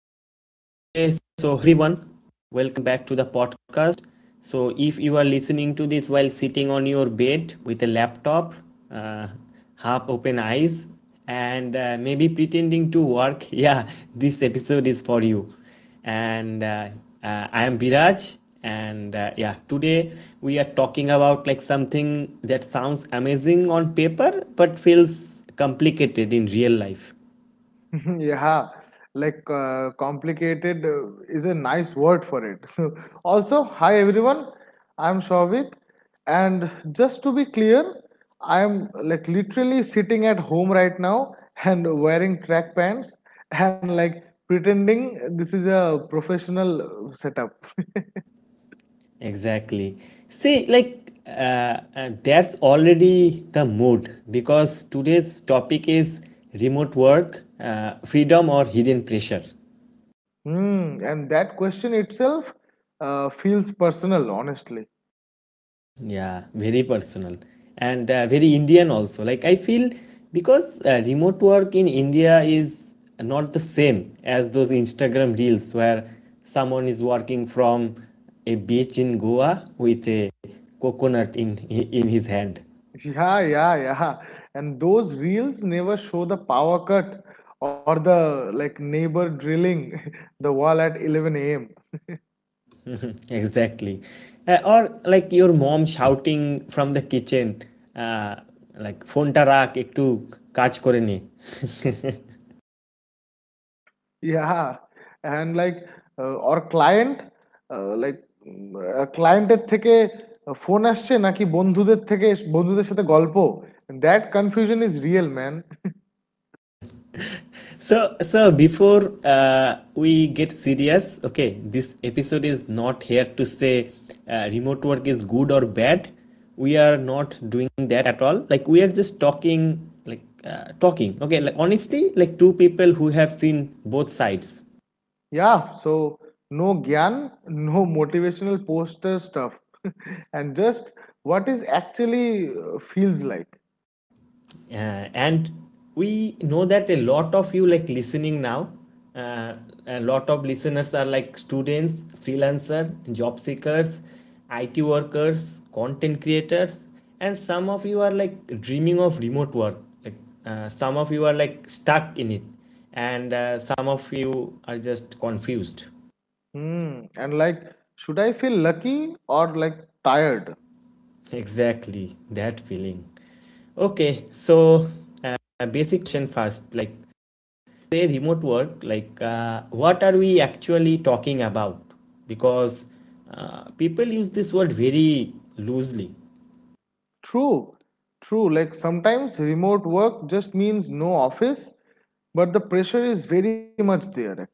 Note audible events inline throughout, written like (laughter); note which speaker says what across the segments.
Speaker 1: Okay. So, everyone, welcome back to the podcast. So, if you are listening to this while sitting on your bed with a laptop, uh, half open eyes, and maybe pretending to work, (laughs) yeah, this episode is for you. And I am Biraj. And yeah, today we are talking about like something that sounds amazing on paper but feels complicated in real life.
Speaker 2: (laughs) Yeah, complicated is a nice word for it. (laughs) So, also, hi everyone, I'm Shovik, and just to be clear, I'm like literally sitting at home right now and wearing track pants and like pretending this is a professional setup. (laughs)
Speaker 1: Exactly. See, that's already the mood because today's topic is remote work, freedom or hidden pressure.
Speaker 2: Hmm, and that question itself feels personal, honestly.
Speaker 1: Yeah, very personal and very Indian also. Like, I feel because remote work in India is not the same as those Instagram reels where someone is working from a beach in Goa with a coconut in his hand.
Speaker 2: Yeah, yeah, yeah. And those reels never show the power cut or the like neighbor drilling (laughs) the wall at 11 a.m.
Speaker 1: Mhm, (laughs) exactly. Or like your mom shouting from the kitchen, uh, like phoneta রাখ একটু কাজ করে নে. (laughs)
Speaker 2: Yeah. And like or client like ক্লায়েন্টের থেকে phone আসছে নাকি বন্ধুদের থেকে বন্ধুদের সাথে গল্প that confusion is real man
Speaker 1: So, so before uh, we get serious, okay, this episode is not here to say remote work is good or bad. We are not doing that at all. Like we are just talking, like talking. Okay, like honestly, like two people who have seen both sides.
Speaker 2: Yeah so no জ্ঞান no motivational poster stuff and just what is actually feels like (laughs)
Speaker 1: uh, and we know that a lot of you like listening now, uh, a lot of listeners are like students, freelancer, job seekers, it workers, content creators, and some of you are like dreaming of remote work, like some of you are like stuck in it, and some of you are just confused.
Speaker 2: Hmm. And like, should I feel lucky or like tired?
Speaker 1: (laughs) Exactly that feeling. Okay, so uh, basic question first, like say remote work, like what are we actually talking about, because people use this word very loosely.
Speaker 2: True. True. Like, sometimes remote work just means no office, but the pressure is very much there actually.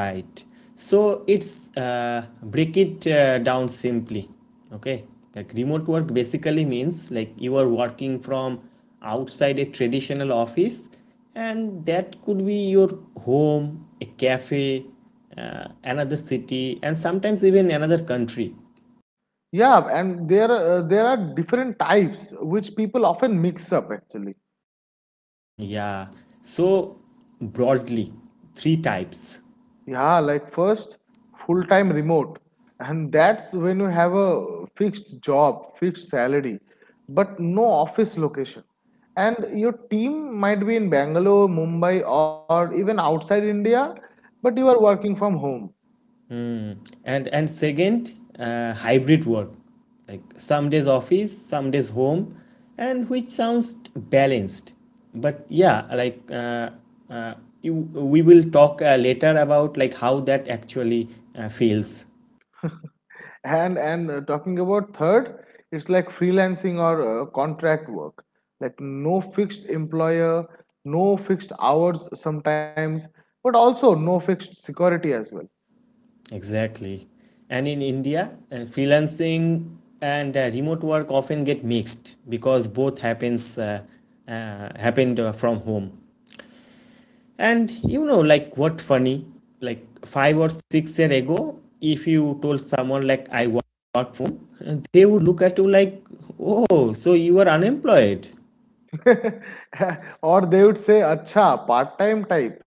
Speaker 1: Right, so it's break it down simply, okay, like remote work basically means like you are working from outside a traditional office, and that could be your home, a cafe, another city, and sometimes even another country.
Speaker 2: Yeah, and there are different types which people often mix up actually.
Speaker 1: Mm, yeah. So broadly, three types.
Speaker 2: Yeah, like first full time remote, and that's when you have a fixed job, fixed salary, but no office location. And your team might be in Bangalore, Mumbai, or even outside India, but you are working from home.
Speaker 1: Mm. And second, hybrid work, like some days office, some days home, and which sounds balanced. But yeah, uh, you, we will talk later about like how that actually feels.
Speaker 2: And Talking about third, it's like freelancing or contract work, like no fixed employer, no fixed hours sometimes, but also no fixed security as well.
Speaker 1: Exactly. And in India, freelancing and remote work often get mixed because both happens happened from home. And you know, like what funny, like five or six year ago, if you told someone like work from, home, (laughs) they would look at you like, oh, so you are unemployed. (laughs)
Speaker 2: (laughs) Or they would say acha part time type.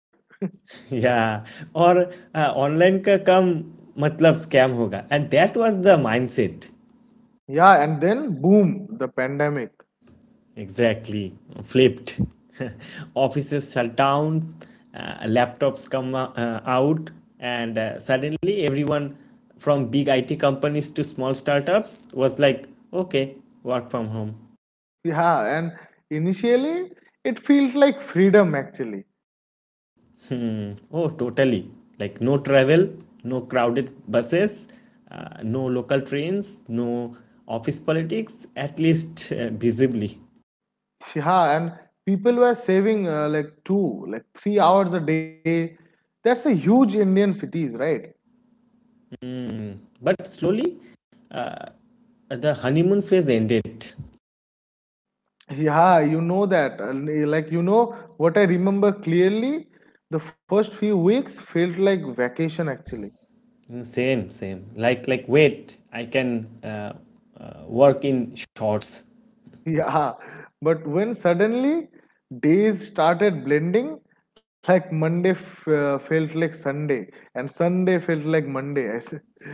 Speaker 1: Yeah, or online का काम मतलब scam होगा, and that was the mindset.
Speaker 2: Yeah, and then boom, the pandemic.
Speaker 1: Exactly, flipped. (laughs) Offices shut down, laptops come out, and suddenly everyone from big IT companies to small startups was like, okay, work from home.
Speaker 2: Yeah, and initially it feels like freedom actually.
Speaker 1: Hmm. Oh, totally. Like, no travel, no crowded buses, no local trains, no office politics, at least (laughs) visibly.
Speaker 2: Yeah, and people were saving like 2, like 3 hours a day. That's a huge Indian cities, right?
Speaker 1: But slowly, the honeymoon phase ended.
Speaker 2: Yeah, you know that. Like you know what I remember clearly, the first few weeks felt like vacation actually.
Speaker 1: Mm, Same. Like, wait, I can work in shorts,
Speaker 2: Yeah, but when suddenly days started blending, like Monday f felt like Sunday, and Sunday felt like Monday, I said.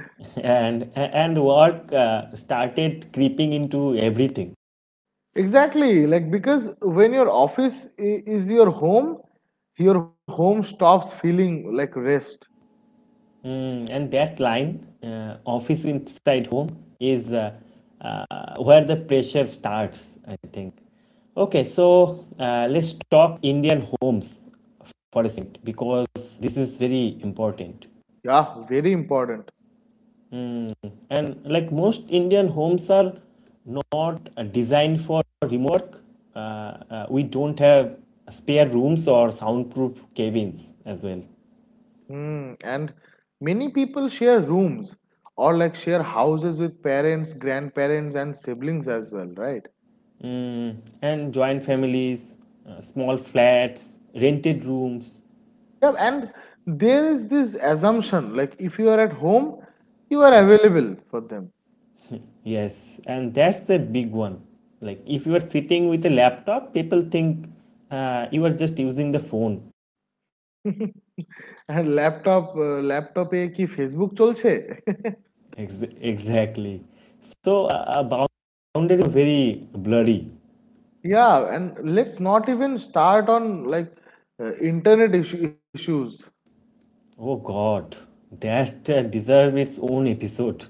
Speaker 1: (laughs) and work started creeping into everything.
Speaker 2: Exactly, like because when your office is your home stops feeling like rest.
Speaker 1: Mm, and that line, office inside home, is where the pressure starts. I think. Okay, so let's talk Indian homes for a second because this is very important.
Speaker 2: Yeah, very important.
Speaker 1: And like most Indian homes are not designed for remote work. We don't have spare rooms or soundproof cabins as well.
Speaker 2: Hmm. And many people share rooms or like share houses with parents, grandparents, and siblings as well, right?
Speaker 1: Mm, and joint families, small flats, rented rooms.
Speaker 2: Yeah, and there is this assumption like if you are at home, you are available for them.
Speaker 1: Yes, and that's a big one. Like if you are sitting with a laptop people think you are just using the phone.
Speaker 2: (laughs) And laptop এ কি Facebook চলছে? (laughs)
Speaker 1: Exactly, so boundaries are very blurry.
Speaker 2: Yeah, and let's not even start on like internet issues.
Speaker 1: Oh god, that deserves its own episode.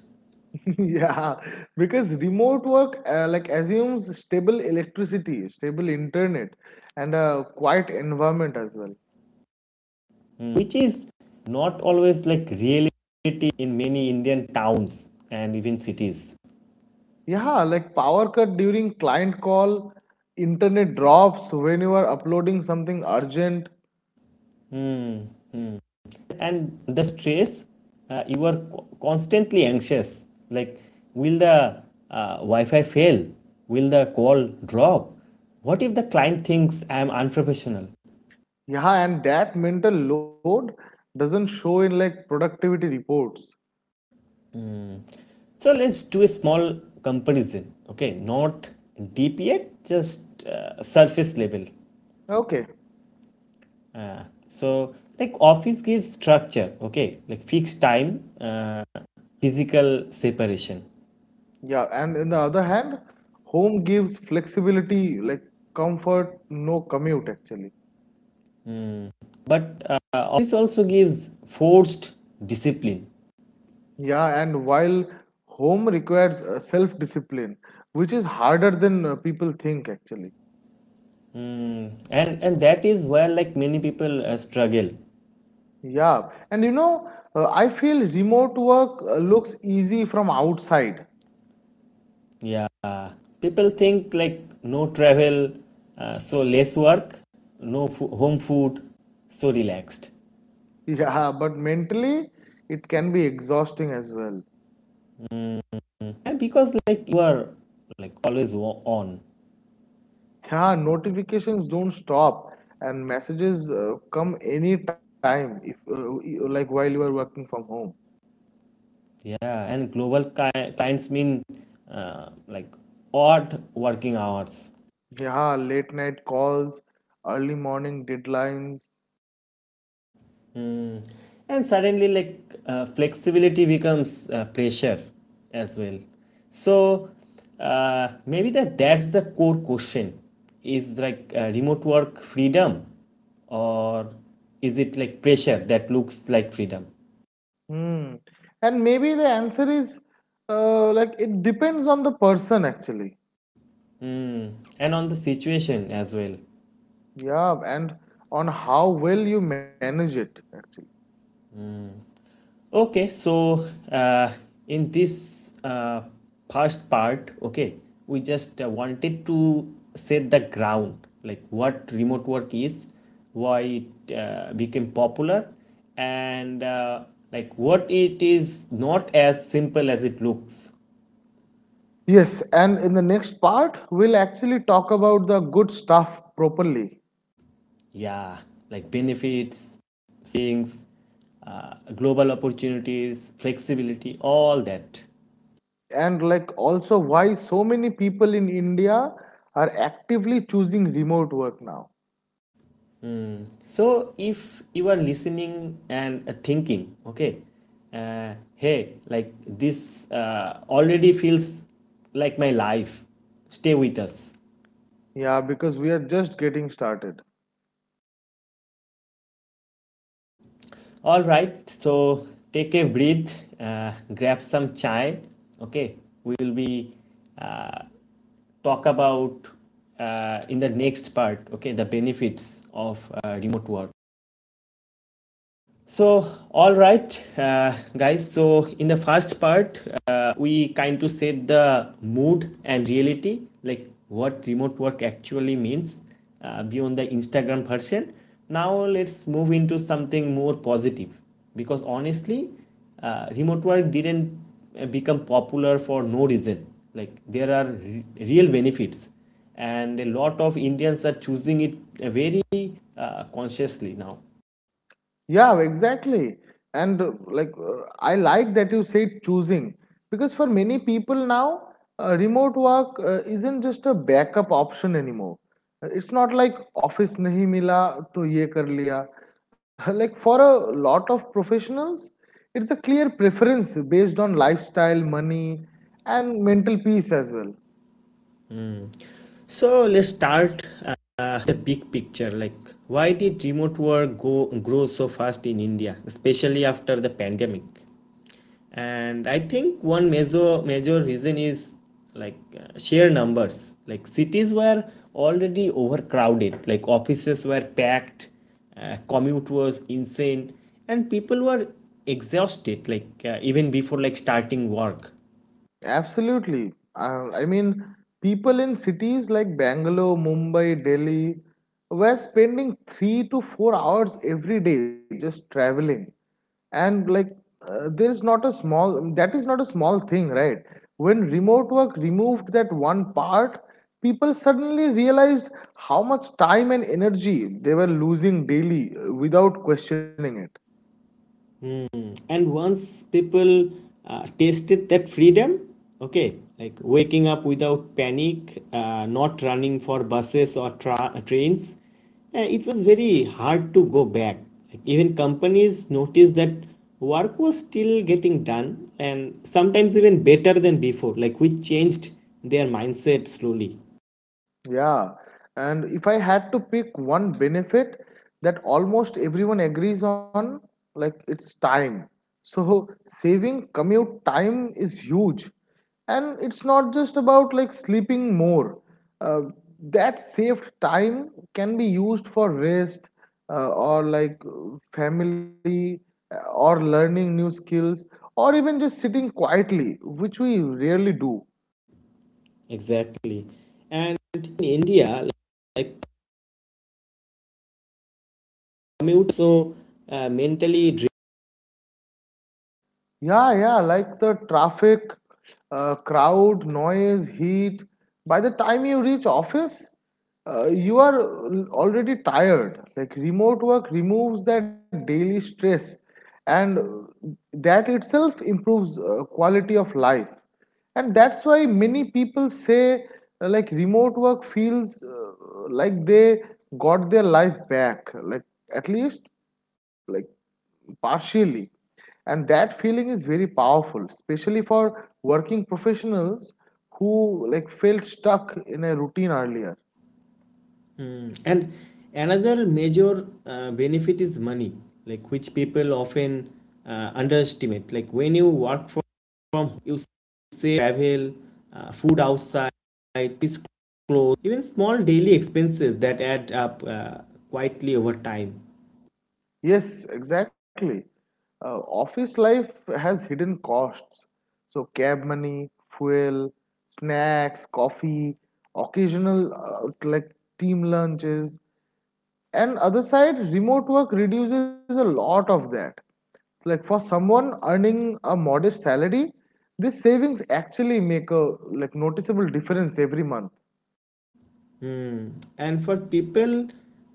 Speaker 2: (laughs) Yeah, because remote work like assumes stable electricity, stable internet, and a quiet environment as well.
Speaker 1: Hmm, which is not always like reality in many Indian towns and even cities.
Speaker 2: Yeah, like power cut during client call, internet drops when you are uploading something urgent.
Speaker 1: Hmm, hmm. And the stress, you are constantly anxious. Like, will the Wi Fi fail? Will the call drop? What if the client thinks I am unprofessional?
Speaker 2: Yeah, and that mental load doesn't show in like productivity reports.
Speaker 1: So let's do a small comparison. Okay, not deep yet, just surface level.
Speaker 2: Okay,
Speaker 1: So, like office gives structure, okay, like fixed time, physical separation.
Speaker 2: yeah, and in the other hand, home gives flexibility, like comfort, no commute actually.
Speaker 1: But office also gives forced discipline.
Speaker 2: Yeah, and while home requires self-discipline, which is harder than people think actually.
Speaker 1: Mm, and that is where like many people struggle.
Speaker 2: Yeah, and you know, I feel remote work looks easy from outside. (laughs)
Speaker 1: Yeah, people think like no travel, so less work, no fo- home food, so relaxed,
Speaker 2: Yeah, but mentally, it can be exhausting as well.
Speaker 1: and because like you are like always on.
Speaker 2: Yeah, notifications don't stop, and messages come anytime, if y- like while you are working from home.
Speaker 1: Yeah, and clients mean like odd working hours.
Speaker 2: Yeah, late night calls, early morning deadlines.
Speaker 1: Mm. And suddenly, like flexibility becomes pressure as well. So maybe that's the core question: is like remote work freedom, or is it like pressure that looks like freedom?
Speaker 2: Hmm. And maybe the answer is like it depends on the person actually.
Speaker 1: Mm. And on the situation as well.
Speaker 2: Yeah, and on how well you manage it, actually.
Speaker 1: Okay, so in this first part, okay, we just wanted to set the ground, like what remote work is, why it became popular, and like what it is not as simple as it looks.
Speaker 2: Yes, and in the next part, we'll actually talk about the good stuff properly,
Speaker 1: Yeah, like benefits, savings, global opportunities, flexibility, all that.
Speaker 2: and like also why so many people in India are actively choosing remote work now.
Speaker 1: Mm. So if you are listening and thinking, okay, hey, like this already feels like my life, stay with us.
Speaker 2: Yeah, because we are just getting started.
Speaker 1: All right, so take a breath, grab some chai, okay, we will be uh, talk about in the next part, okay, the benefits of remote work. So, all right, guys. So, in the first part, we kind of set the mood and reality, like what remote work actually means beyond the Instagram version. Now, let's move into something more positive because honestly, remote work didn't become popular for no reason. Like, there are real benefits, and a lot of Indians are choosing it very consciously now.
Speaker 2: Yeah, exactly. And I like that you said choosing because for many people now, remote work isn't just a backup option anymore. It's not like office nahi mila to ye kar liya. (laughs) Like for a lot of professionals, it's a clear preference based on lifestyle, money, and mental peace as well.
Speaker 1: So let's start the big picture. Like, why did remote work go grow so fast in India, especially after the pandemic? And I think one major major reason is like sheer numbers. Like cities were already overcrowded. Like offices were packed, commute was insane, and people were exhausted. Like even before like starting work.
Speaker 2: Absolutely. I mean, people in cities like Bangalore, Mumbai, Delhi were spending 3 to 4 hours every day just traveling. And like, there is not a small, that is not a small thing, right? When remote work removed that one part, people suddenly realized how much time and energy they were losing daily without questioning it.
Speaker 1: And once people tasted that freedom, okay, like waking up without panic, not running for buses or trains, it was very hard to go back. Like even companies noticed that work was still getting done and sometimes even better than before, like we changed their mindset slowly.
Speaker 2: Yeah, and if I had to pick one benefit that almost everyone agrees on, like it's time. So saving commute time is huge. And it's not just about like sleeping more. Uh, that saved time can be used for rest or family or learning new skills or even just sitting quietly, which we rarely do.
Speaker 1: Exactly, and in India, like commute so mentally.
Speaker 2: Yeah, yeah, like the traffic, crowd, noise, heat. By the time you reach office, you are already tired. Like remote work removes that daily stress, and that itself improves quality of life. And that's why many people say like remote work feels like they got their life back. Like at least like partially, and that feeling is very powerful, especially for working professionals who like felt stuck in a routine earlier.
Speaker 1: Mm. And another major benefit is money, like which people often underestimate. Like when you work from home, you save travel, food outside, clothes, even small daily expenses that add up quietly over time.
Speaker 2: Yes, exactly. Office life has hidden costs, so cab money, fuel, snacks, coffee, occasional like team lunches. And other side, remote work reduces a lot of that. Like for someone earning a modest salary, these savings actually make a like noticeable difference every month.
Speaker 1: Hmm. And for people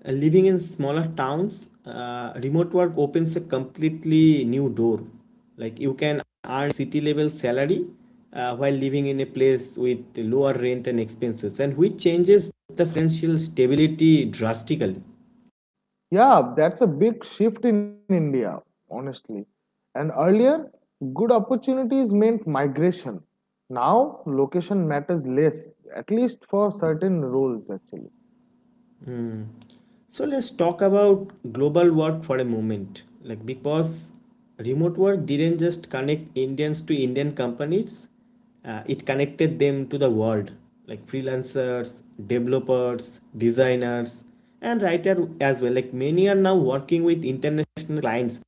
Speaker 1: living in smaller towns, remote work opens a completely new door. Like you can earn city level salary while living in a place with lower rent and expenses, and which changes the financial stability drastically.
Speaker 2: Yeah, that's a big shift in India, honestly. And earlier, good opportunities meant migration. Now location matters less, at least for certain roles actually.
Speaker 1: So let's talk about global work for a moment. Like because remote work didn't just connect Indians to Indian companies, it connected them to the world. Like freelancers, developers, designers, and writer as well. Like many are now working with international clients.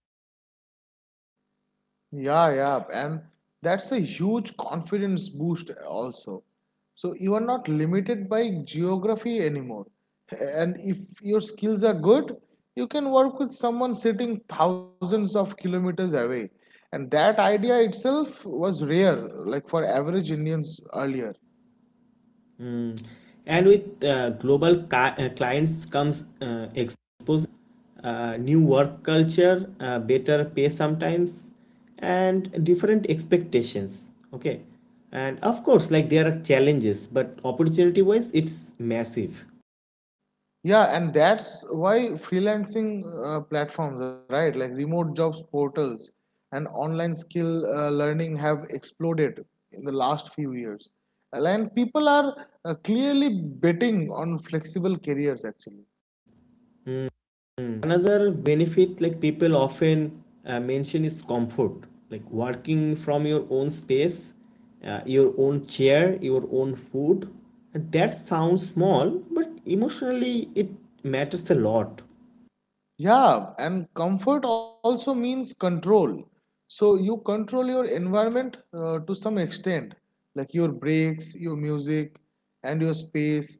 Speaker 2: Yeah, yeah, and that's a huge confidence boost also. So you are not limited by geography anymore. And if your skills are good, you can work with someone sitting thousands of kilometers away. And that idea itself was rare, like for average Indians earlier.
Speaker 1: Mm. And with global clients comes exposure, new work culture, better pay sometimes, and different expectations. Okay. And of course, like there are challenges, but opportunity wise, it's massive.
Speaker 2: Yeah, and that's why freelancing platforms, right, like remote jobs portals and online skill learning have exploded in the last few years. And people are clearly betting on flexible careers actually.
Speaker 1: Hmm. Another benefit like people often mention is comfort, like working from your own space, your own chair, your own food. And that sounds small, but emotionally it matters a lot.
Speaker 2: Yeah, and comfort also means control. So you control your environment to some extent, like your breaks, your music, and your space.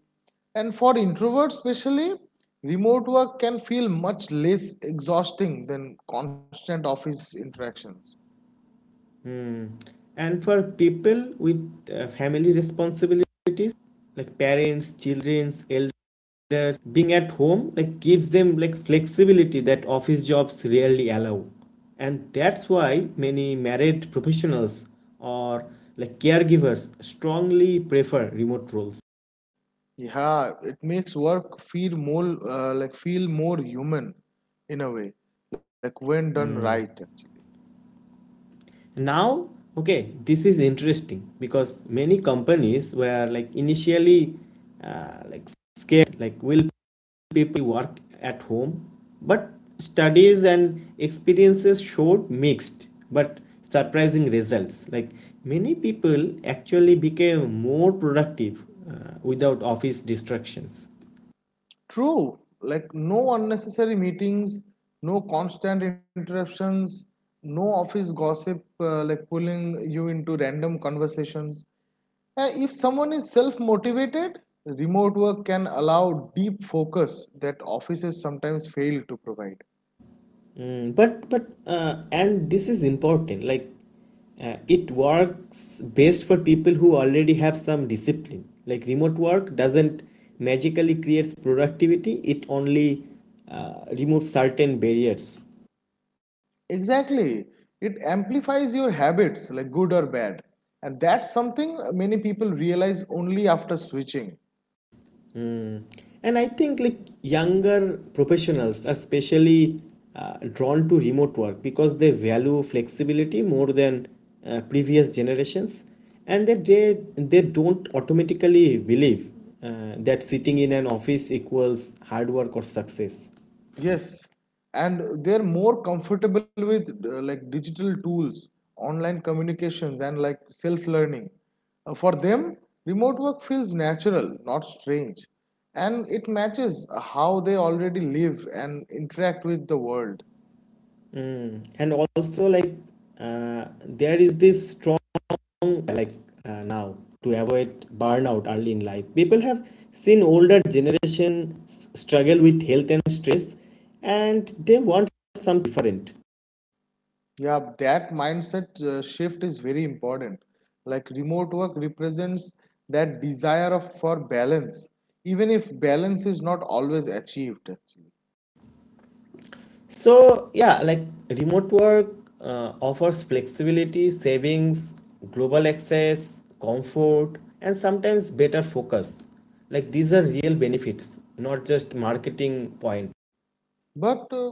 Speaker 2: And for introverts, especially, remote work can feel much less exhausting than constant office interactions.
Speaker 1: And for people with family responsibilities, like parents, children, elders, that being at home like gives them like flexibility that office jobs rarely allow, and that's why many married professionals or like caregivers strongly prefer remote roles.
Speaker 2: Yeah, it makes work feel more feel more human in a way, like when done right, actually.
Speaker 1: Now okay, this is interesting because many companies were like initially like scared, like will people work at home, but studies and experiences showed mixed but surprising results, like many people actually became more productive without office distractions.
Speaker 2: True, like no unnecessary meetings, no constant interruptions, no office gossip like pulling you into random conversations. If someone is self motivated, remote work can allow deep focus that offices sometimes fail to provide.
Speaker 1: Mm, but and this is important, like it works best for people who already have some discipline. Like remote work doesn't magically creates productivity, it only removes certain barriers.
Speaker 2: Exactly, it amplifies your habits, like good or bad. And that's something many people realize only after switching.
Speaker 1: Mm. And I think like younger professionals are especially drawn to remote work because they value flexibility more than previous generations, and that they don't automatically believe that sitting in an office equals hard work or success.
Speaker 2: Yes, and they're more comfortable with like digital tools, online communications, and like self-learning. For them, remote work feels natural, not strange, and it matches how they already live and interact with the world.
Speaker 1: Mm. And also like there is this strong like now to avoid burnout early in life, people have seen older generations struggle with health and stress and they want something different.
Speaker 2: Yeah, that mindset shift is very important. Like remote work represents that desire of for balance, even if balance is not always achieved actually.
Speaker 1: So yeah, like remote work offers flexibility, savings, global access, comfort, and sometimes better focus, like these are real benefits, not just marketing point.
Speaker 2: But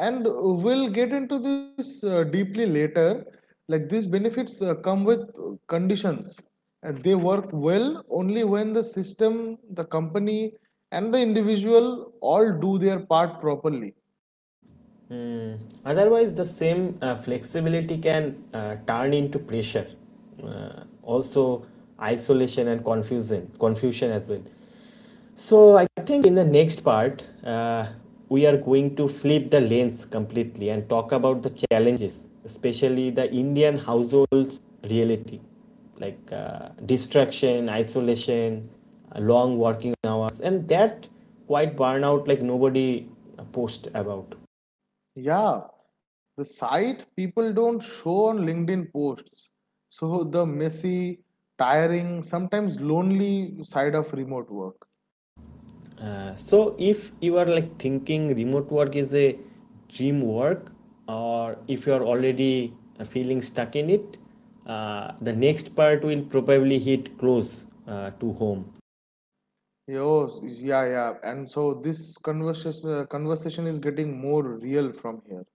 Speaker 2: and we'll get into this deeply later. Like these benefits come with conditions, and they work well only when the system, the company, and the individual all do their part properly.
Speaker 1: Mm, otherwise, the same flexibility can turn into pressure, also isolation and confusion as well. So I think in the next part, we are going to flip the lens completely and talk about the challenges, especially the Indian household's reality, like distraction, isolation, long working hours, and that quite burnout like nobody post about.
Speaker 2: Yeah, the site people don't show on LinkedIn posts. So the messy, tiring, sometimes lonely side of remote work.
Speaker 1: So if you are like thinking remote work is a dream work or if you are already feeling stuck in it, the next part will probably hit close to home.
Speaker 2: Yo, yeah, yeah. And so this conversation is getting more real from here.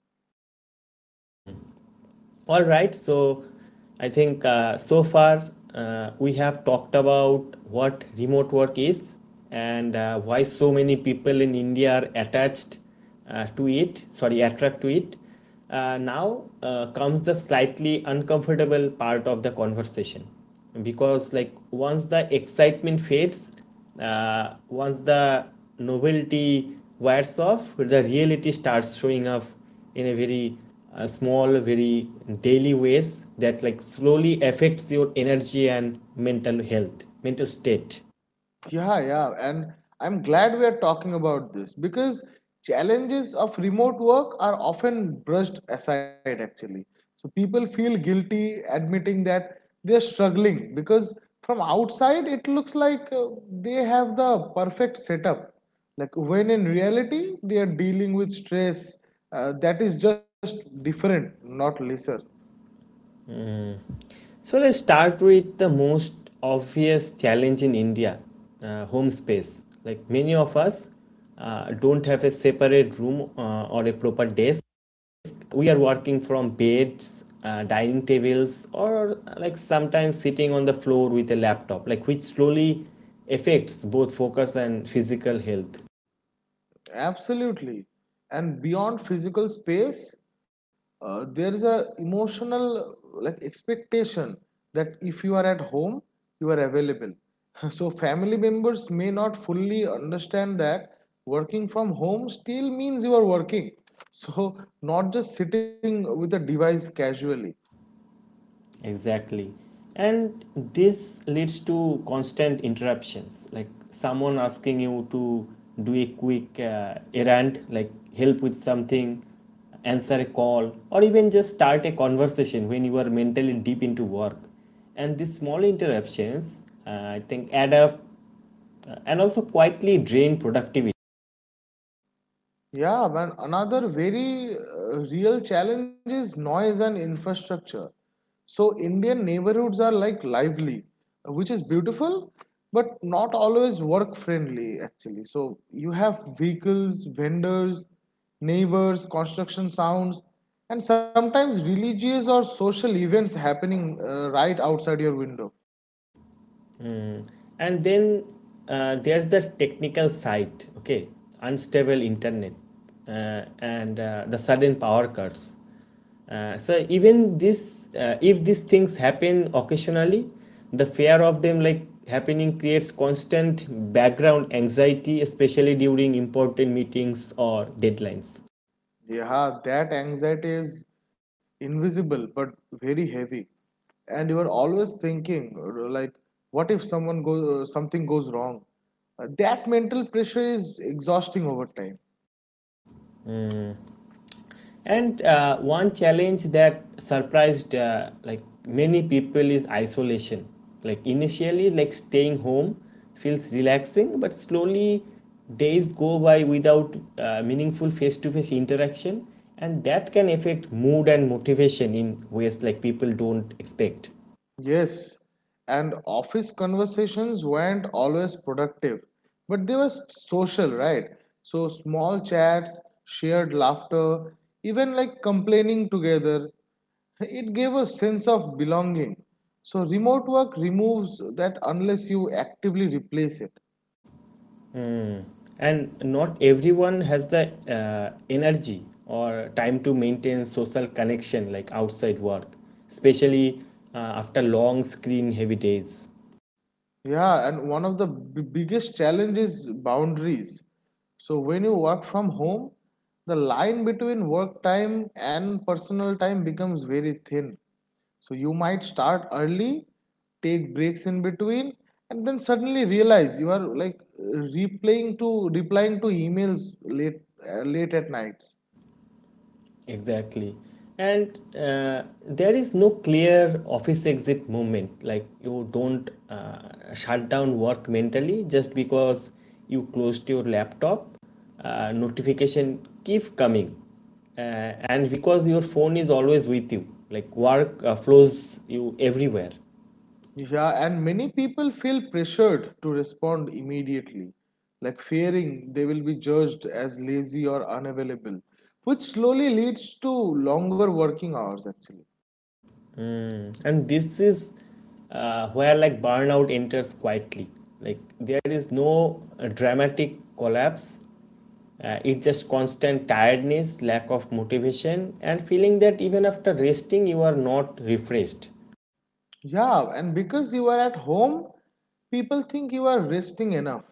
Speaker 1: All right, so I think so far we have talked about what remote work is and why so many people in India are attached to it, sorry, attract to it. Now comes the slightly uncomfortable part of the conversation because, like, once the excitement fades, once the novelty wears off, the reality starts showing up in a very small, very daily ways that like slowly affects your energy and mental health mental state.
Speaker 2: Yeah, yeah. And I'm glad we are talking about this because challenges of remote work are often brushed aside actually. So people feel guilty admitting that they're struggling because from outside it looks like they have the perfect setup. Like when in reality they are dealing with stress that is just different, not lesser.
Speaker 1: So let's start with the most obvious challenge in India, home space. Like many of us don't have a separate room or a proper desk. We are working from beds, dining tables, or like sometimes sitting on the floor with a laptop, like which slowly affects both focus and physical health.
Speaker 2: Absolutely. And beyond physical space, there is a emotional like expectation that if you are at home, you are available. (laughs) So family members may not fully understand that working from home still means you are working. (laughs) So not just sitting with a device casually.
Speaker 1: Exactly. And this leads to constant interruptions, like someone asking you to do a quick errand, like help with something, answer a call, or even just start a conversation when you are mentally deep into work. And these small interruptions, uh, I think, add up and also quietly drain productivity.
Speaker 2: Yeah, man. Another very real challenge is noise and infrastructure. So, Indian neighborhoods are like lively, which is beautiful, but not always work friendly, actually. So, you have vehicles, vendors, neighbors, construction sounds, and sometimes religious or social events happening right outside your window.
Speaker 1: Mm. And then there's the technical side, okay, unstable internet and the sudden power cuts. So even this, if these things happen occasionally, the fear of them like happening creates constant background anxiety, especially during important meetings or deadlines.
Speaker 2: Yeah, that anxiety is invisible but very heavy. And you are always thinking, like what if something goes wrong? That mental pressure is exhausting over time.
Speaker 1: And one challenge that surprised like many people is isolation. Like initially, like staying home feels relaxing, but slowly days go by without meaningful face-to-face interaction, and that can affect mood and motivation in ways like people don't expect.
Speaker 2: Yes, and office conversations weren't always productive, but they were social, right? So small chats, shared laughter, even like complaining together, it gave a sense of belonging. So remote work removes that unless you actively replace it.
Speaker 1: Mm. And not everyone has the energy or time to maintain social connection like outside work, especially after long screen heavy days.
Speaker 2: Yeah, and one of the biggest challenges is boundaries. So when you work from home, the line between work time and personal time becomes very thin. So you might start early, take breaks in between, and then suddenly realize you are like replying to emails late at nights.
Speaker 1: Exactly. And there is no clear office exit moment. Like you don't shut down work mentally just because you closed your laptop. Notification keep coming. Uh, and because your phone is always with you, like work flows you everywhere.
Speaker 2: Yeah, and many people feel pressured to respond immediately, like fearing they will be judged as lazy or unavailable, which slowly leads to longer working hours actually.
Speaker 1: Mm. And this is where like burnout enters quietly. Like there is no dramatic collapse. It's just constant tiredness, lack of motivation, and feeling that even after resting, you are not refreshed.
Speaker 2: Yeah, and because you are at home, people think you are resting enough.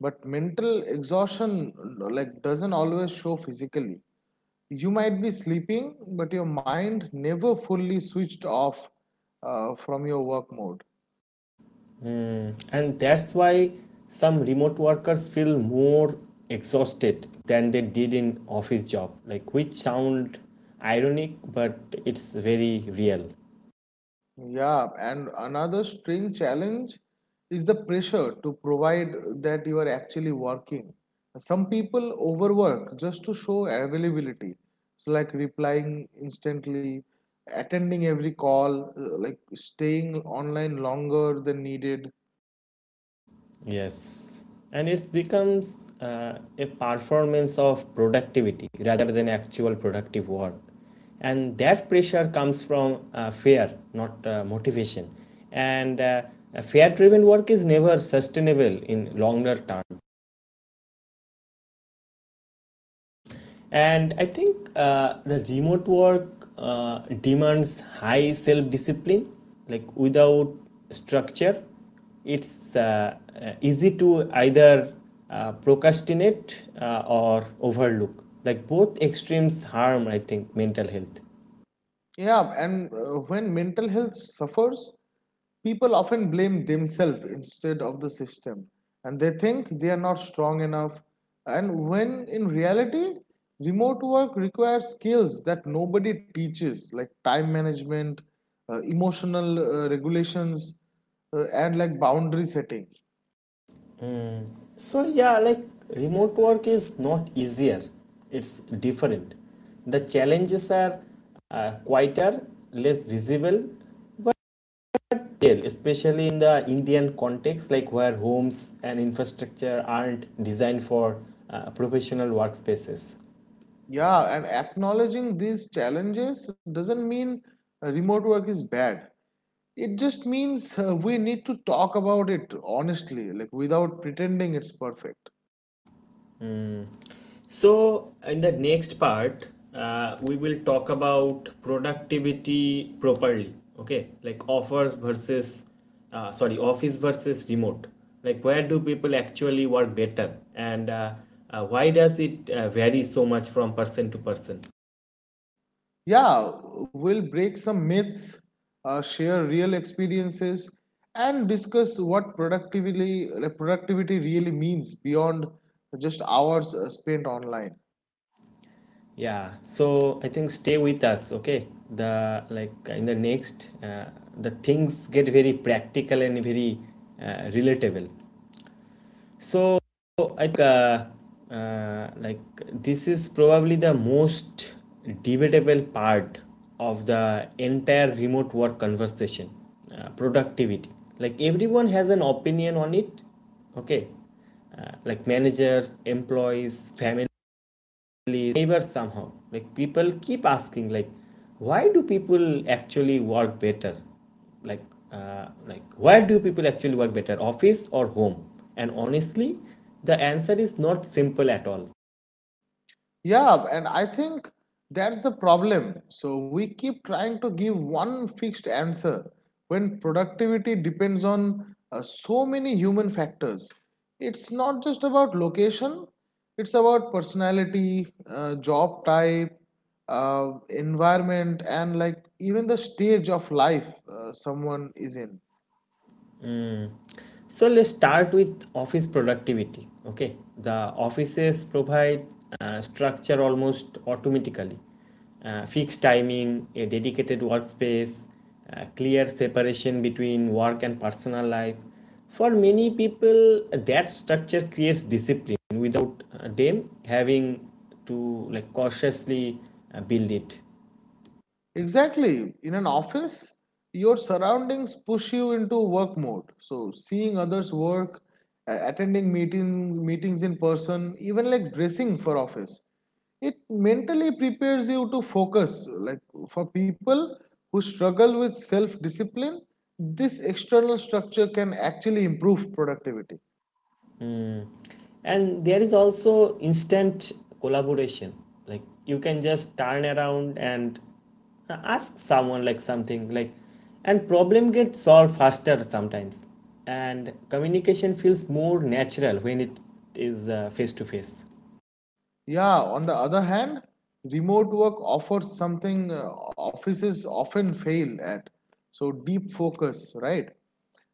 Speaker 2: But mental exhaustion like doesn't always show physically. You might be sleeping, but your mind never fully switched off from your work mode.
Speaker 1: Hmm. And that's why some remote workers feel more exhausted than they did in office job, like which sound ironic, but it's very real.
Speaker 2: Yeah, and another string challenge is the pressure to provide that you are actually working. Some people overwork just to show availability. So, like replying instantly, attending every call, like staying online longer than needed.
Speaker 1: Yeah. Yes, and it's becomes a performance of productivity rather than actual productive work. And that pressure comes from fear, not motivation. And fear driven work is never sustainable in longer term. And I think the remote work demands high self discipline. Like without structure, it's easy to either procrastinate or overlook. Like both extremes harm, I think, mental health.
Speaker 2: Yeah, and when mental health suffers, people often blame themselves instead of the system, and they think they are not strong enough. And when in reality, remote work requires skills that nobody teaches, like time management, emotional regulations, and like boundary setting.
Speaker 1: So, yeah, like remote work is not easier, it's different. The challenges are quieter, less visible, but tell, especially in the Indian context, like where homes and infrastructure aren't designed for professional workspaces.
Speaker 2: Yeah, and acknowledging these challenges doesn't mean remote work is bad. It just means we need to talk about it honestly, like without pretending it's perfect.
Speaker 1: So, in the next part, we will talk about productivity properly. Okay, like offers versus, sorry, office versus remote. Like, where do people actually work better, and why does it vary so much from person to person?
Speaker 2: Yeah, we'll break some myths, share real experiences, and discuss what productivity really means beyond just hours spent online.
Speaker 1: Yeah, so I think stay with us, okay? The like in the next, the things get very practical and very relatable. So I think like this is probably the most debatable part of the entire remote work conversation, productivity. Like everyone has an opinion on it, okay? Like managers, employees, family neighbors somehow like people keep asking like why do people actually work better like like why do people actually work better, office or home, and honestly the answer is not simple at all.
Speaker 2: Yeah, and I think that's the problem. So we keep trying to give one fixed answer when productivity depends on so many human factors. It's not just about location, it's about personality, job type, environment, and like even the stage of life someone is in.
Speaker 1: Mm. So let's start with office productivity. Okay, the offices provide structure almost automatically. Fixed timing, a dedicated workspace, clear separation between work and personal life. For many people, that structure creates discipline without them having to like cautiously build it.
Speaker 2: Exactly. In an office, your surroundings push you into work mode. So seeing others work, attending meetings, meetings in person, even like dressing for office, it mentally prepares you to focus. Like for people who struggle with self-discipline, this external structure can actually improve productivity.
Speaker 1: Mm. And there is also instant collaboration, like you can just turn around and ask someone like something, like and problem gets solved faster sometimes, and communication feels more natural when it is face to face.
Speaker 2: Yeah, on the other hand, remote work offers something offices often fail at. So, deep focus, right?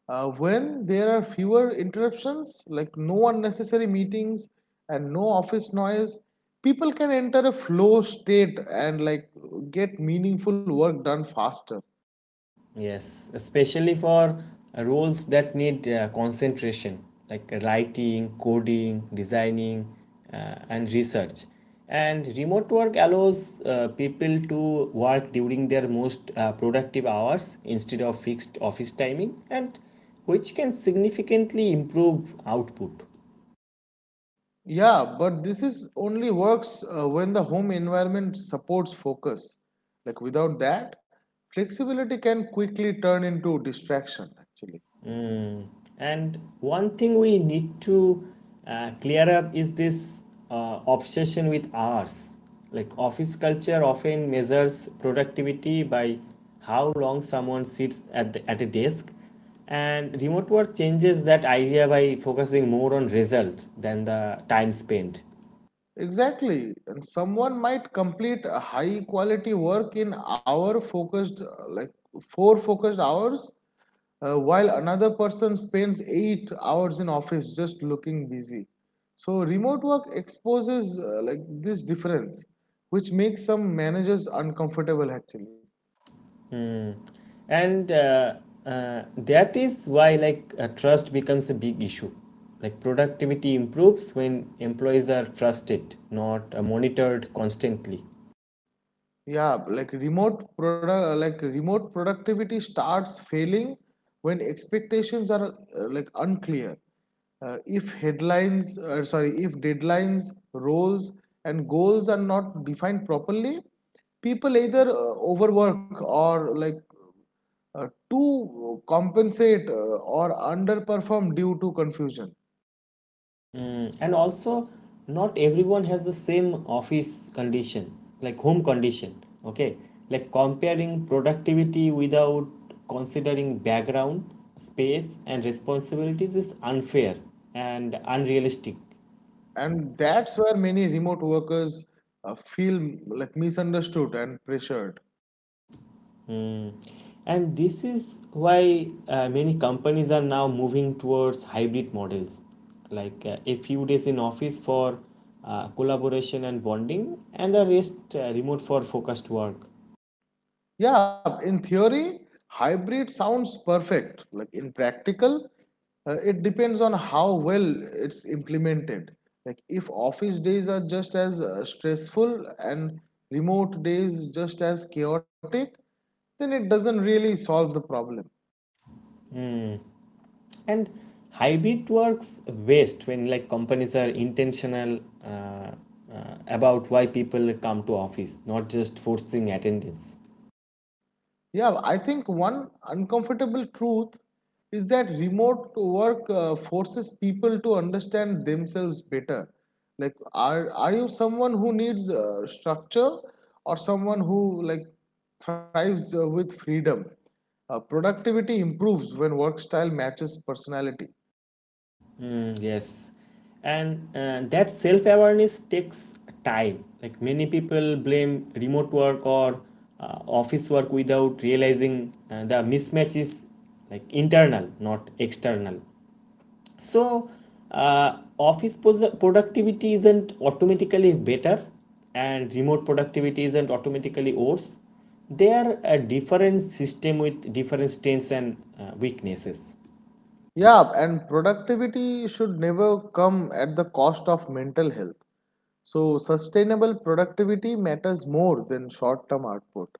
Speaker 2: When there are fewer interruptions, like no unnecessary meetings and no office noise, people can enter a flow state and like get meaningful work done faster.
Speaker 1: Yes, especially for roles that need concentration, like writing, coding, designing, and research. And remote work allows people to work during their most productive hours instead of fixed office timing, and which can significantly improve output.
Speaker 2: Yeah, but this is only works when the home environment supports focus. Like without that, flexibility can quickly turn into distraction actually.
Speaker 1: And one thing we need to clear up is this obsession with hours. Like office culture often measures productivity by how long someone sits at a desk. And remote work changes that idea by focusing more on results than the time spent.
Speaker 2: Exactly. And someone might complete a high quality work in hour focused 4 focused hours while another person spends 8 hours in office just looking busy. So remote work exposes like this difference which makes some managers uncomfortable actually.
Speaker 1: Mm. And that is why like trust becomes a big issue. Like productivity improves when employees are trusted, not monitored constantly.
Speaker 2: Yeah, like remote productivity starts failing when expectations are like unclear. If headlines, sorry, if deadlines, roles, and goals are not defined properly, people either overwork or like to compensate or underperform due to confusion.
Speaker 1: Mm. And also, not everyone has the same office condition, like home condition. Okay, like comparing productivity without considering background, space, and responsibilities is unfair and unrealistic.
Speaker 2: And that's where many remote workers feel like misunderstood and pressured.
Speaker 1: Mm. And this is why many companies are now moving towards hybrid models, like a few days in office for collaboration and bonding, and the rest remote for focused work.
Speaker 2: Yeah, in theory, hybrid sounds perfect. Like in practical, it depends on how well it's implemented. Like if office days are just as stressful and remote days just as chaotic, then it doesn't really solve the problem.
Speaker 1: Mm. And hybrid works best when like companies are intentional uh, about why people come to office, not just forcing attendance.
Speaker 2: Yeah, I think one uncomfortable truth is that remote work forces people to understand themselves better. Like, are you someone who needs structure or someone who like thrives with freedom? Productivity improves when work style matches personality.
Speaker 1: Mm, yes. And that self-awareness takes time. Like many people blame remote work or office work without realizing the mismatch is like internal, not external. So, office productivity isn't automatically better, and remote productivity isn't automatically worse. They are a different system with different strengths and weaknesses.
Speaker 2: Yeah, and productivity should never come at the cost of mental health. So, sustainable productivity matters more than short term output.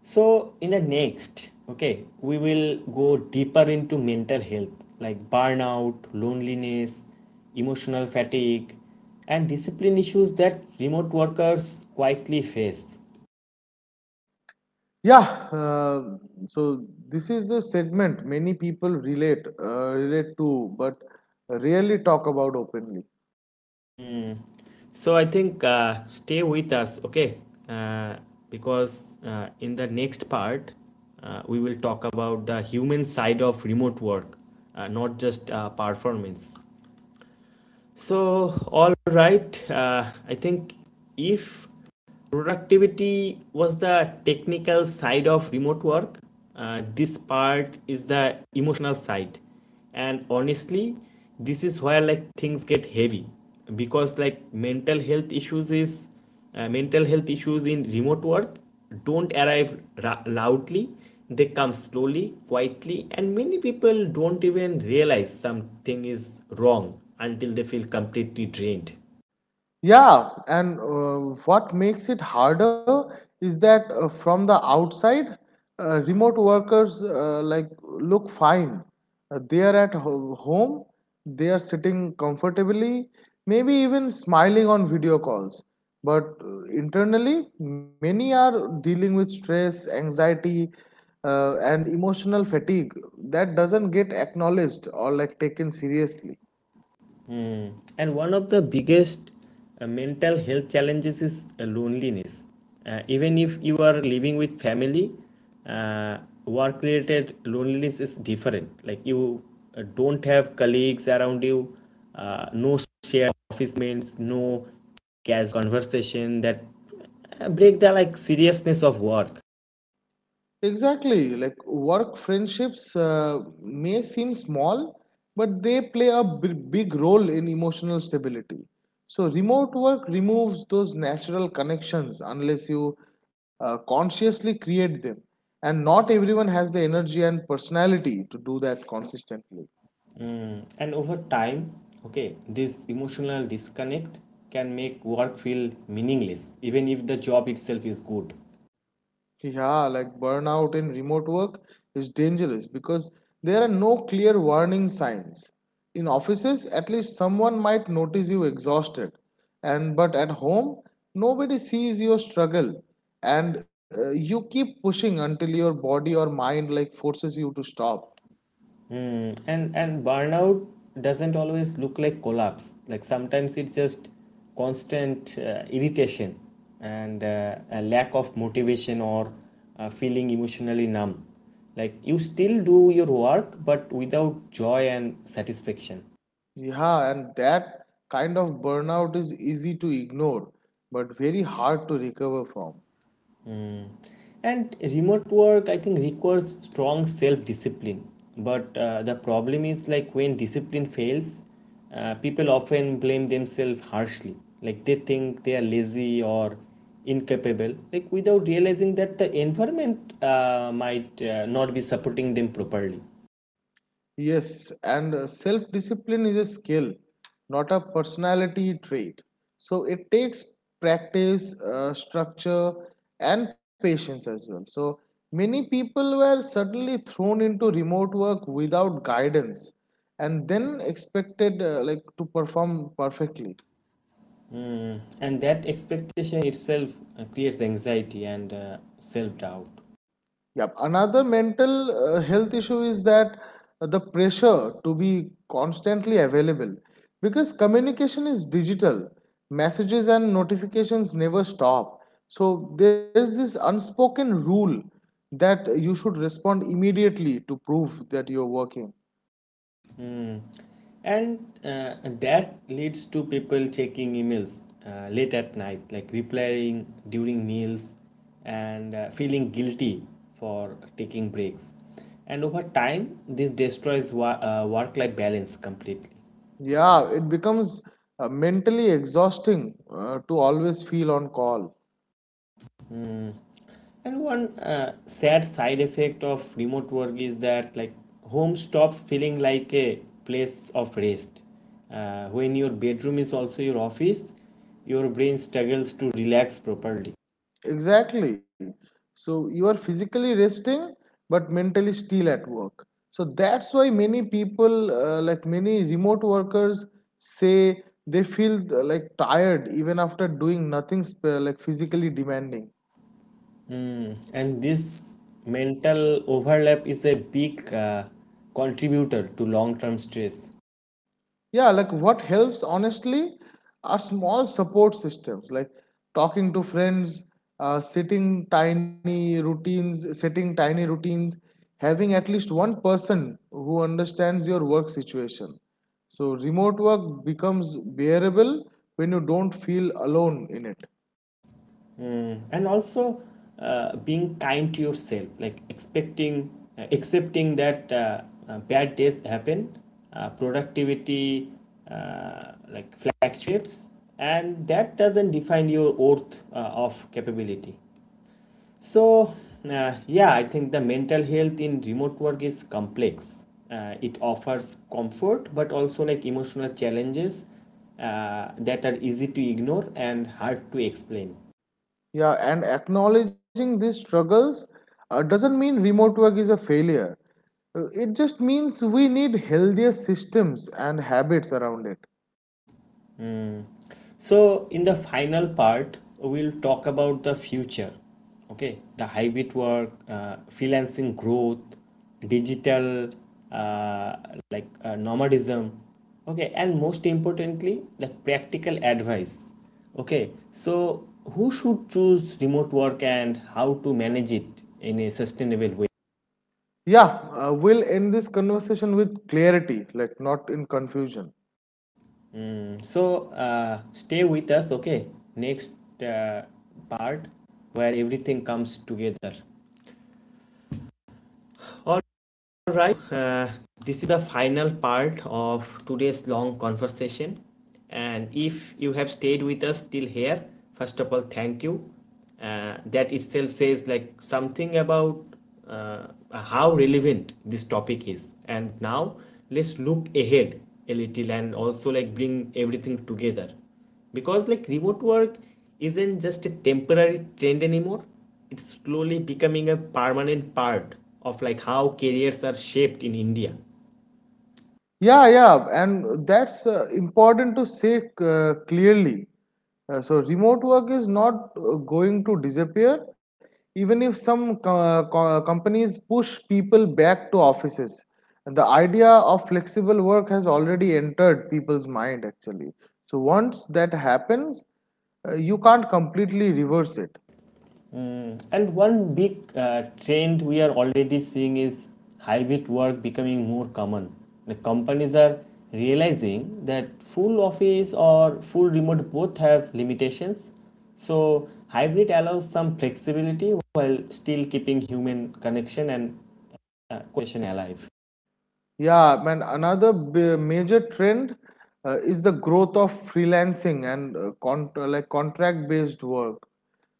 Speaker 1: So, in the next, okay, we will go deeper into mental health, like burnout, loneliness, emotional fatigue, and discipline issues that remote workers quietly face.
Speaker 2: Yeah, uh, so this is the segment many people relate relate to, but rarely talk about openly.
Speaker 1: Hmm. So, I think stay with us, okay, uh, because in the next part, we will talk about the human side of remote work, not just performance. So, all right, I think if productivity was the technical side of remote work. This part is the emotional side. And honestly, this is where like things get heavy because like mental health issues in remote work don't arrive loudly. They come slowly, quietly, and many people don't even realize something is wrong until they feel completely drained.
Speaker 2: Yeah, and what makes it harder is that from the outside, remote workers like look fine. They are at home, they are sitting comfortably, maybe even smiling on video calls. But internally, many are dealing with stress, anxiety, and emotional fatigue that doesn't get acknowledged or like taken seriously.
Speaker 1: And one of the biggest mental health challenges is loneliness. Even if you are living with family, uh, work related loneliness is different. Like you don't have colleagues around you, no shared office mates, no casual conversation that break the like seriousness of work.
Speaker 2: Exactly. Like work friendships may seem small, but they play a big role in emotional stability. So, remote work removes those natural connections unless you consciously create them. And not everyone has the energy and personality to do that consistently.
Speaker 1: Mm, and over time, okay, this emotional disconnect can make work feel meaningless, even if the job itself is good.
Speaker 2: Yeah, like burnout in remote work is dangerous because there are no clear warning signs. In offices, at least someone might notice you exhausted, and but at home, nobody sees your struggle, and you keep pushing until your body or mind like forces you to stop.
Speaker 1: Mm, and burnout doesn't always look like collapse. Like sometimes it's just constant irritation and a lack of motivation or feeling emotionally numb. Like you still do your work, but without joy and satisfaction.
Speaker 2: Yeah, and that kind of burnout is easy to ignore, but very hard to recover from.
Speaker 1: Mm. And remote work, I think, requires strong self discipline. But the problem is like when discipline fails, people often blame themselves harshly. Like they think they are lazy or incapable, like without realizing that the environment might not be supporting them properly.
Speaker 2: Yes, and self discipline is a skill, not a personality trait. So it takes practice, structure, and patience as well. So many people were suddenly thrown into remote work without guidance and then expected like to perform perfectly.
Speaker 1: Mm. And that expectation itself creates anxiety and self doubt.
Speaker 2: Yep. Another mental health issue is that the pressure to be constantly available because communication is digital, messages and notifications never stop. So there's this unspoken rule that you should respond immediately to prove that you're working.
Speaker 1: Hmm. And uh, that leads to people checking emails late at night, like replying during meals and feeling guilty for taking breaks. And over time, this destroys work life balance completely.
Speaker 2: Yeah, it becomes mentally exhausting to always feel on call.
Speaker 1: Hmm. And one sad side effect of remote work is that like home stops feeling like a place of rest. When your bedroom is also your office, your brain struggles to relax properly.
Speaker 2: Exactly. So you are physically resting but mentally still at work. So that's why many people, like many remote workers, say they feel like tired even after doing nothing like physically demanding.
Speaker 1: Mm. And this mental overlap is a big contributor to long-term stress.
Speaker 2: Yeah, like what helps honestly are small support systems like talking to friends, sitting tiny routines setting tiny routines, having at least one person who understands your work situation, so remote work becomes bearable when you don't feel alone in it.
Speaker 1: Mm. And also being kind to yourself, like expecting, accepting that bad days happen, productivity like fluctuates, and that doesn't define your worth of capability. So yeah, I think the mental health in remote work is complex. It offers comfort but also like emotional challenges that are easy to ignore and hard to explain.
Speaker 2: Yeah, and acknowledging these struggles doesn't mean remote work is a failure. It just means we need healthier systems and habits around it.
Speaker 1: So, in the final part, we'll talk about the future. Okay, the hybrid work, freelancing growth, digital uh, nomadism. Okay, and most importantly, like practical advice. Okay, so who should choose remote work and how to manage it in a sustainable way?
Speaker 2: Yeah, we'll end this conversation with clarity, like not in confusion.
Speaker 1: Mm. So, stay with us. Okay, next uh, part where everything comes together. All right. This is the final part of today's long conversation. And if you have stayed with us till here, first of all, thank you. That itself says like something about uh, how relevant this topic is. And now let's look ahead a little and also like bring everything together because like remote work isn't just a temporary trend anymore, it's slowly becoming a permanent part of like how careers are shaped in India.
Speaker 2: Yeah, and that's important to say clearly. So, remote work is not going to disappear, even if some companies push people back to offices. And the idea of flexible work has already entered people's mind, actually. So, once that happens, you can't completely reverse it.
Speaker 1: Mm, and one big trend we are already seeing is hybrid work becoming more common. The companies are realizing that full office or full remote both have limitations, so hybrid allows some flexibility while still keeping human connection and question alive.
Speaker 2: Yeah, man, another major trend is the growth of freelancing and like contract-based work.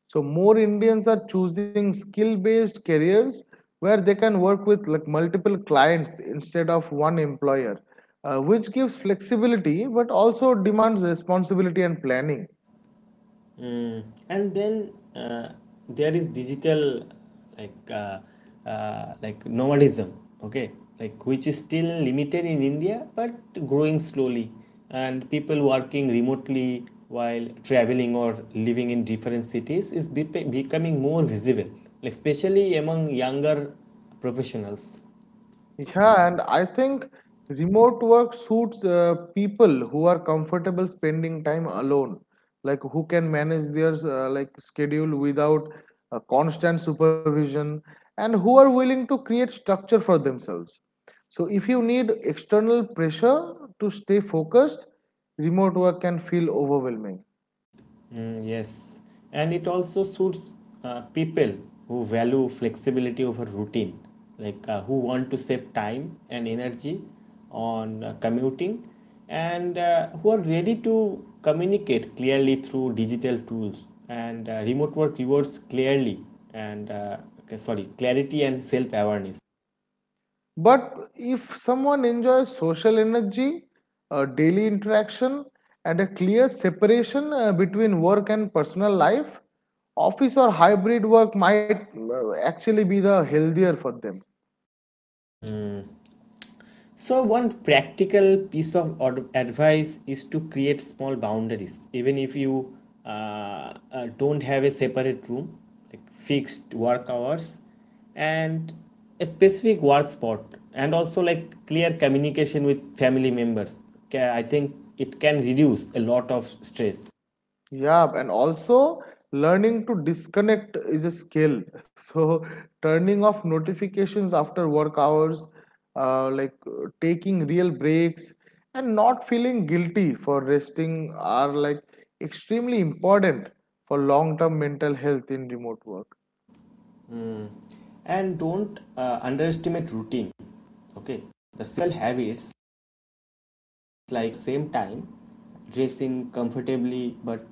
Speaker 2: So more Indians are choosing skill-based careers where they can work with like multiple clients instead of one employer, which gives flexibility but also demands responsibility and planning.
Speaker 1: Mm. And then there is digital, like uh, like nomadism. Okay, like which is still limited in India, but growing slowly. And people working remotely while traveling or living in different cities is becoming more visible, especially among younger professionals.
Speaker 2: Yeah, and I think remote work suits people who are comfortable spending time alone, like who can manage their like schedule without constant supervision, and who are willing to create structure for themselves. So if you need external pressure to stay focused, remote work can feel overwhelming.
Speaker 1: Mm, yes, and it also suits people who value flexibility over routine, like who want to save time and energy on commuting and who are ready to communicate clearly through digital tools. And remote work rewards clearly and okay, sorry, clarity and self awareness.
Speaker 2: But if someone enjoys social energy, daily interaction, and a clear separation between work and personal life, office or hybrid work might actually be the healthier for them.
Speaker 1: So, one practical piece of advice is to create small boundaries, even if you don't have a separate room, like fixed work hours, and a specific work spot, and also like clear communication with family members. I think it can reduce a lot of stress.
Speaker 2: Yeah, and also learning to disconnect is a skill. (laughs) So turning off notifications after work hours, taking real breaks, and not feeling guilty for resting are like extremely important for long-term mental health in remote work.
Speaker 1: Mm. And don't underestimate routine. Okay, the simple habits like same time, dressing comfortably but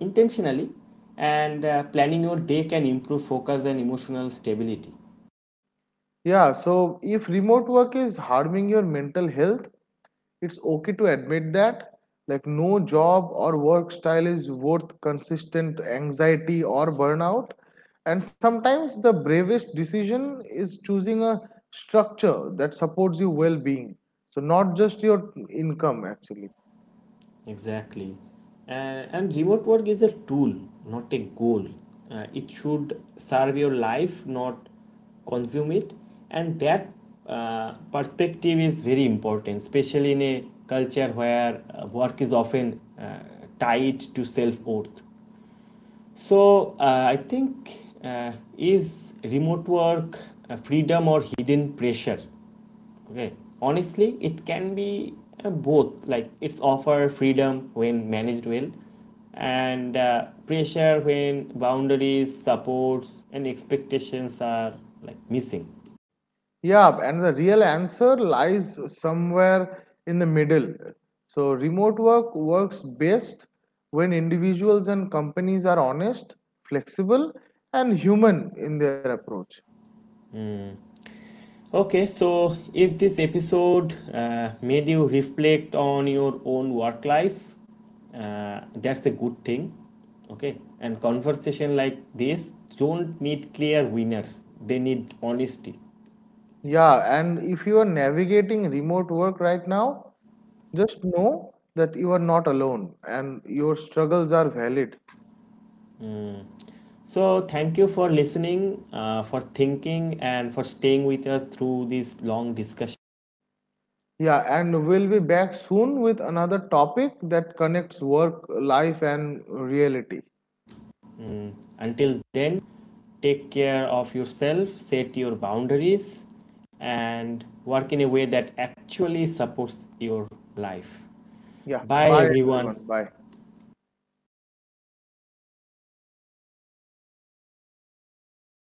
Speaker 1: intentionally, and planning your day can improve focus and emotional stability.
Speaker 2: Yeah, so if remote work is harming your mental health, it's okay to admit that, like no job or work style is worth consistent anxiety or burnout, and sometimes the bravest decision is choosing a structure that supports your well-being, so not just your income actually.
Speaker 1: Exactly. Uh, and remote work is a tool, not a goal. It should serve your life, not consume it. And that perspective is very important, especially in a culture where work is often tied to self worth. So I think is remote work a freedom or hidden pressure? Okay, honestly, it can be both. Like it's offer freedom when managed well, and pressure when boundaries, supports, and expectations are like missing.
Speaker 2: Yeah, and the real answer lies somewhere in the middle. So remote work works best when individuals and companies are honest, flexible, and human in their approach.
Speaker 1: Okay, so if this episode made you reflect on your own work life, that's a good thing. Okay, and conversation like this don't need clear winners, they need honesty.
Speaker 2: Yeah, and if you are navigating remote work right now, just know that you are not alone and your struggles are valid.
Speaker 1: Mm. So, thank you for listening, for thinking, and for staying with us through this long discussion.
Speaker 2: Yeah, and we'll be back soon with another topic that connects work, life, and reality.
Speaker 1: Mm. Until then, take care of yourself, set your boundaries, and work in a way that actually supports your life.
Speaker 2: Yeah,
Speaker 1: Bye,
Speaker 2: bye
Speaker 1: everyone.
Speaker 2: everyone. Bye.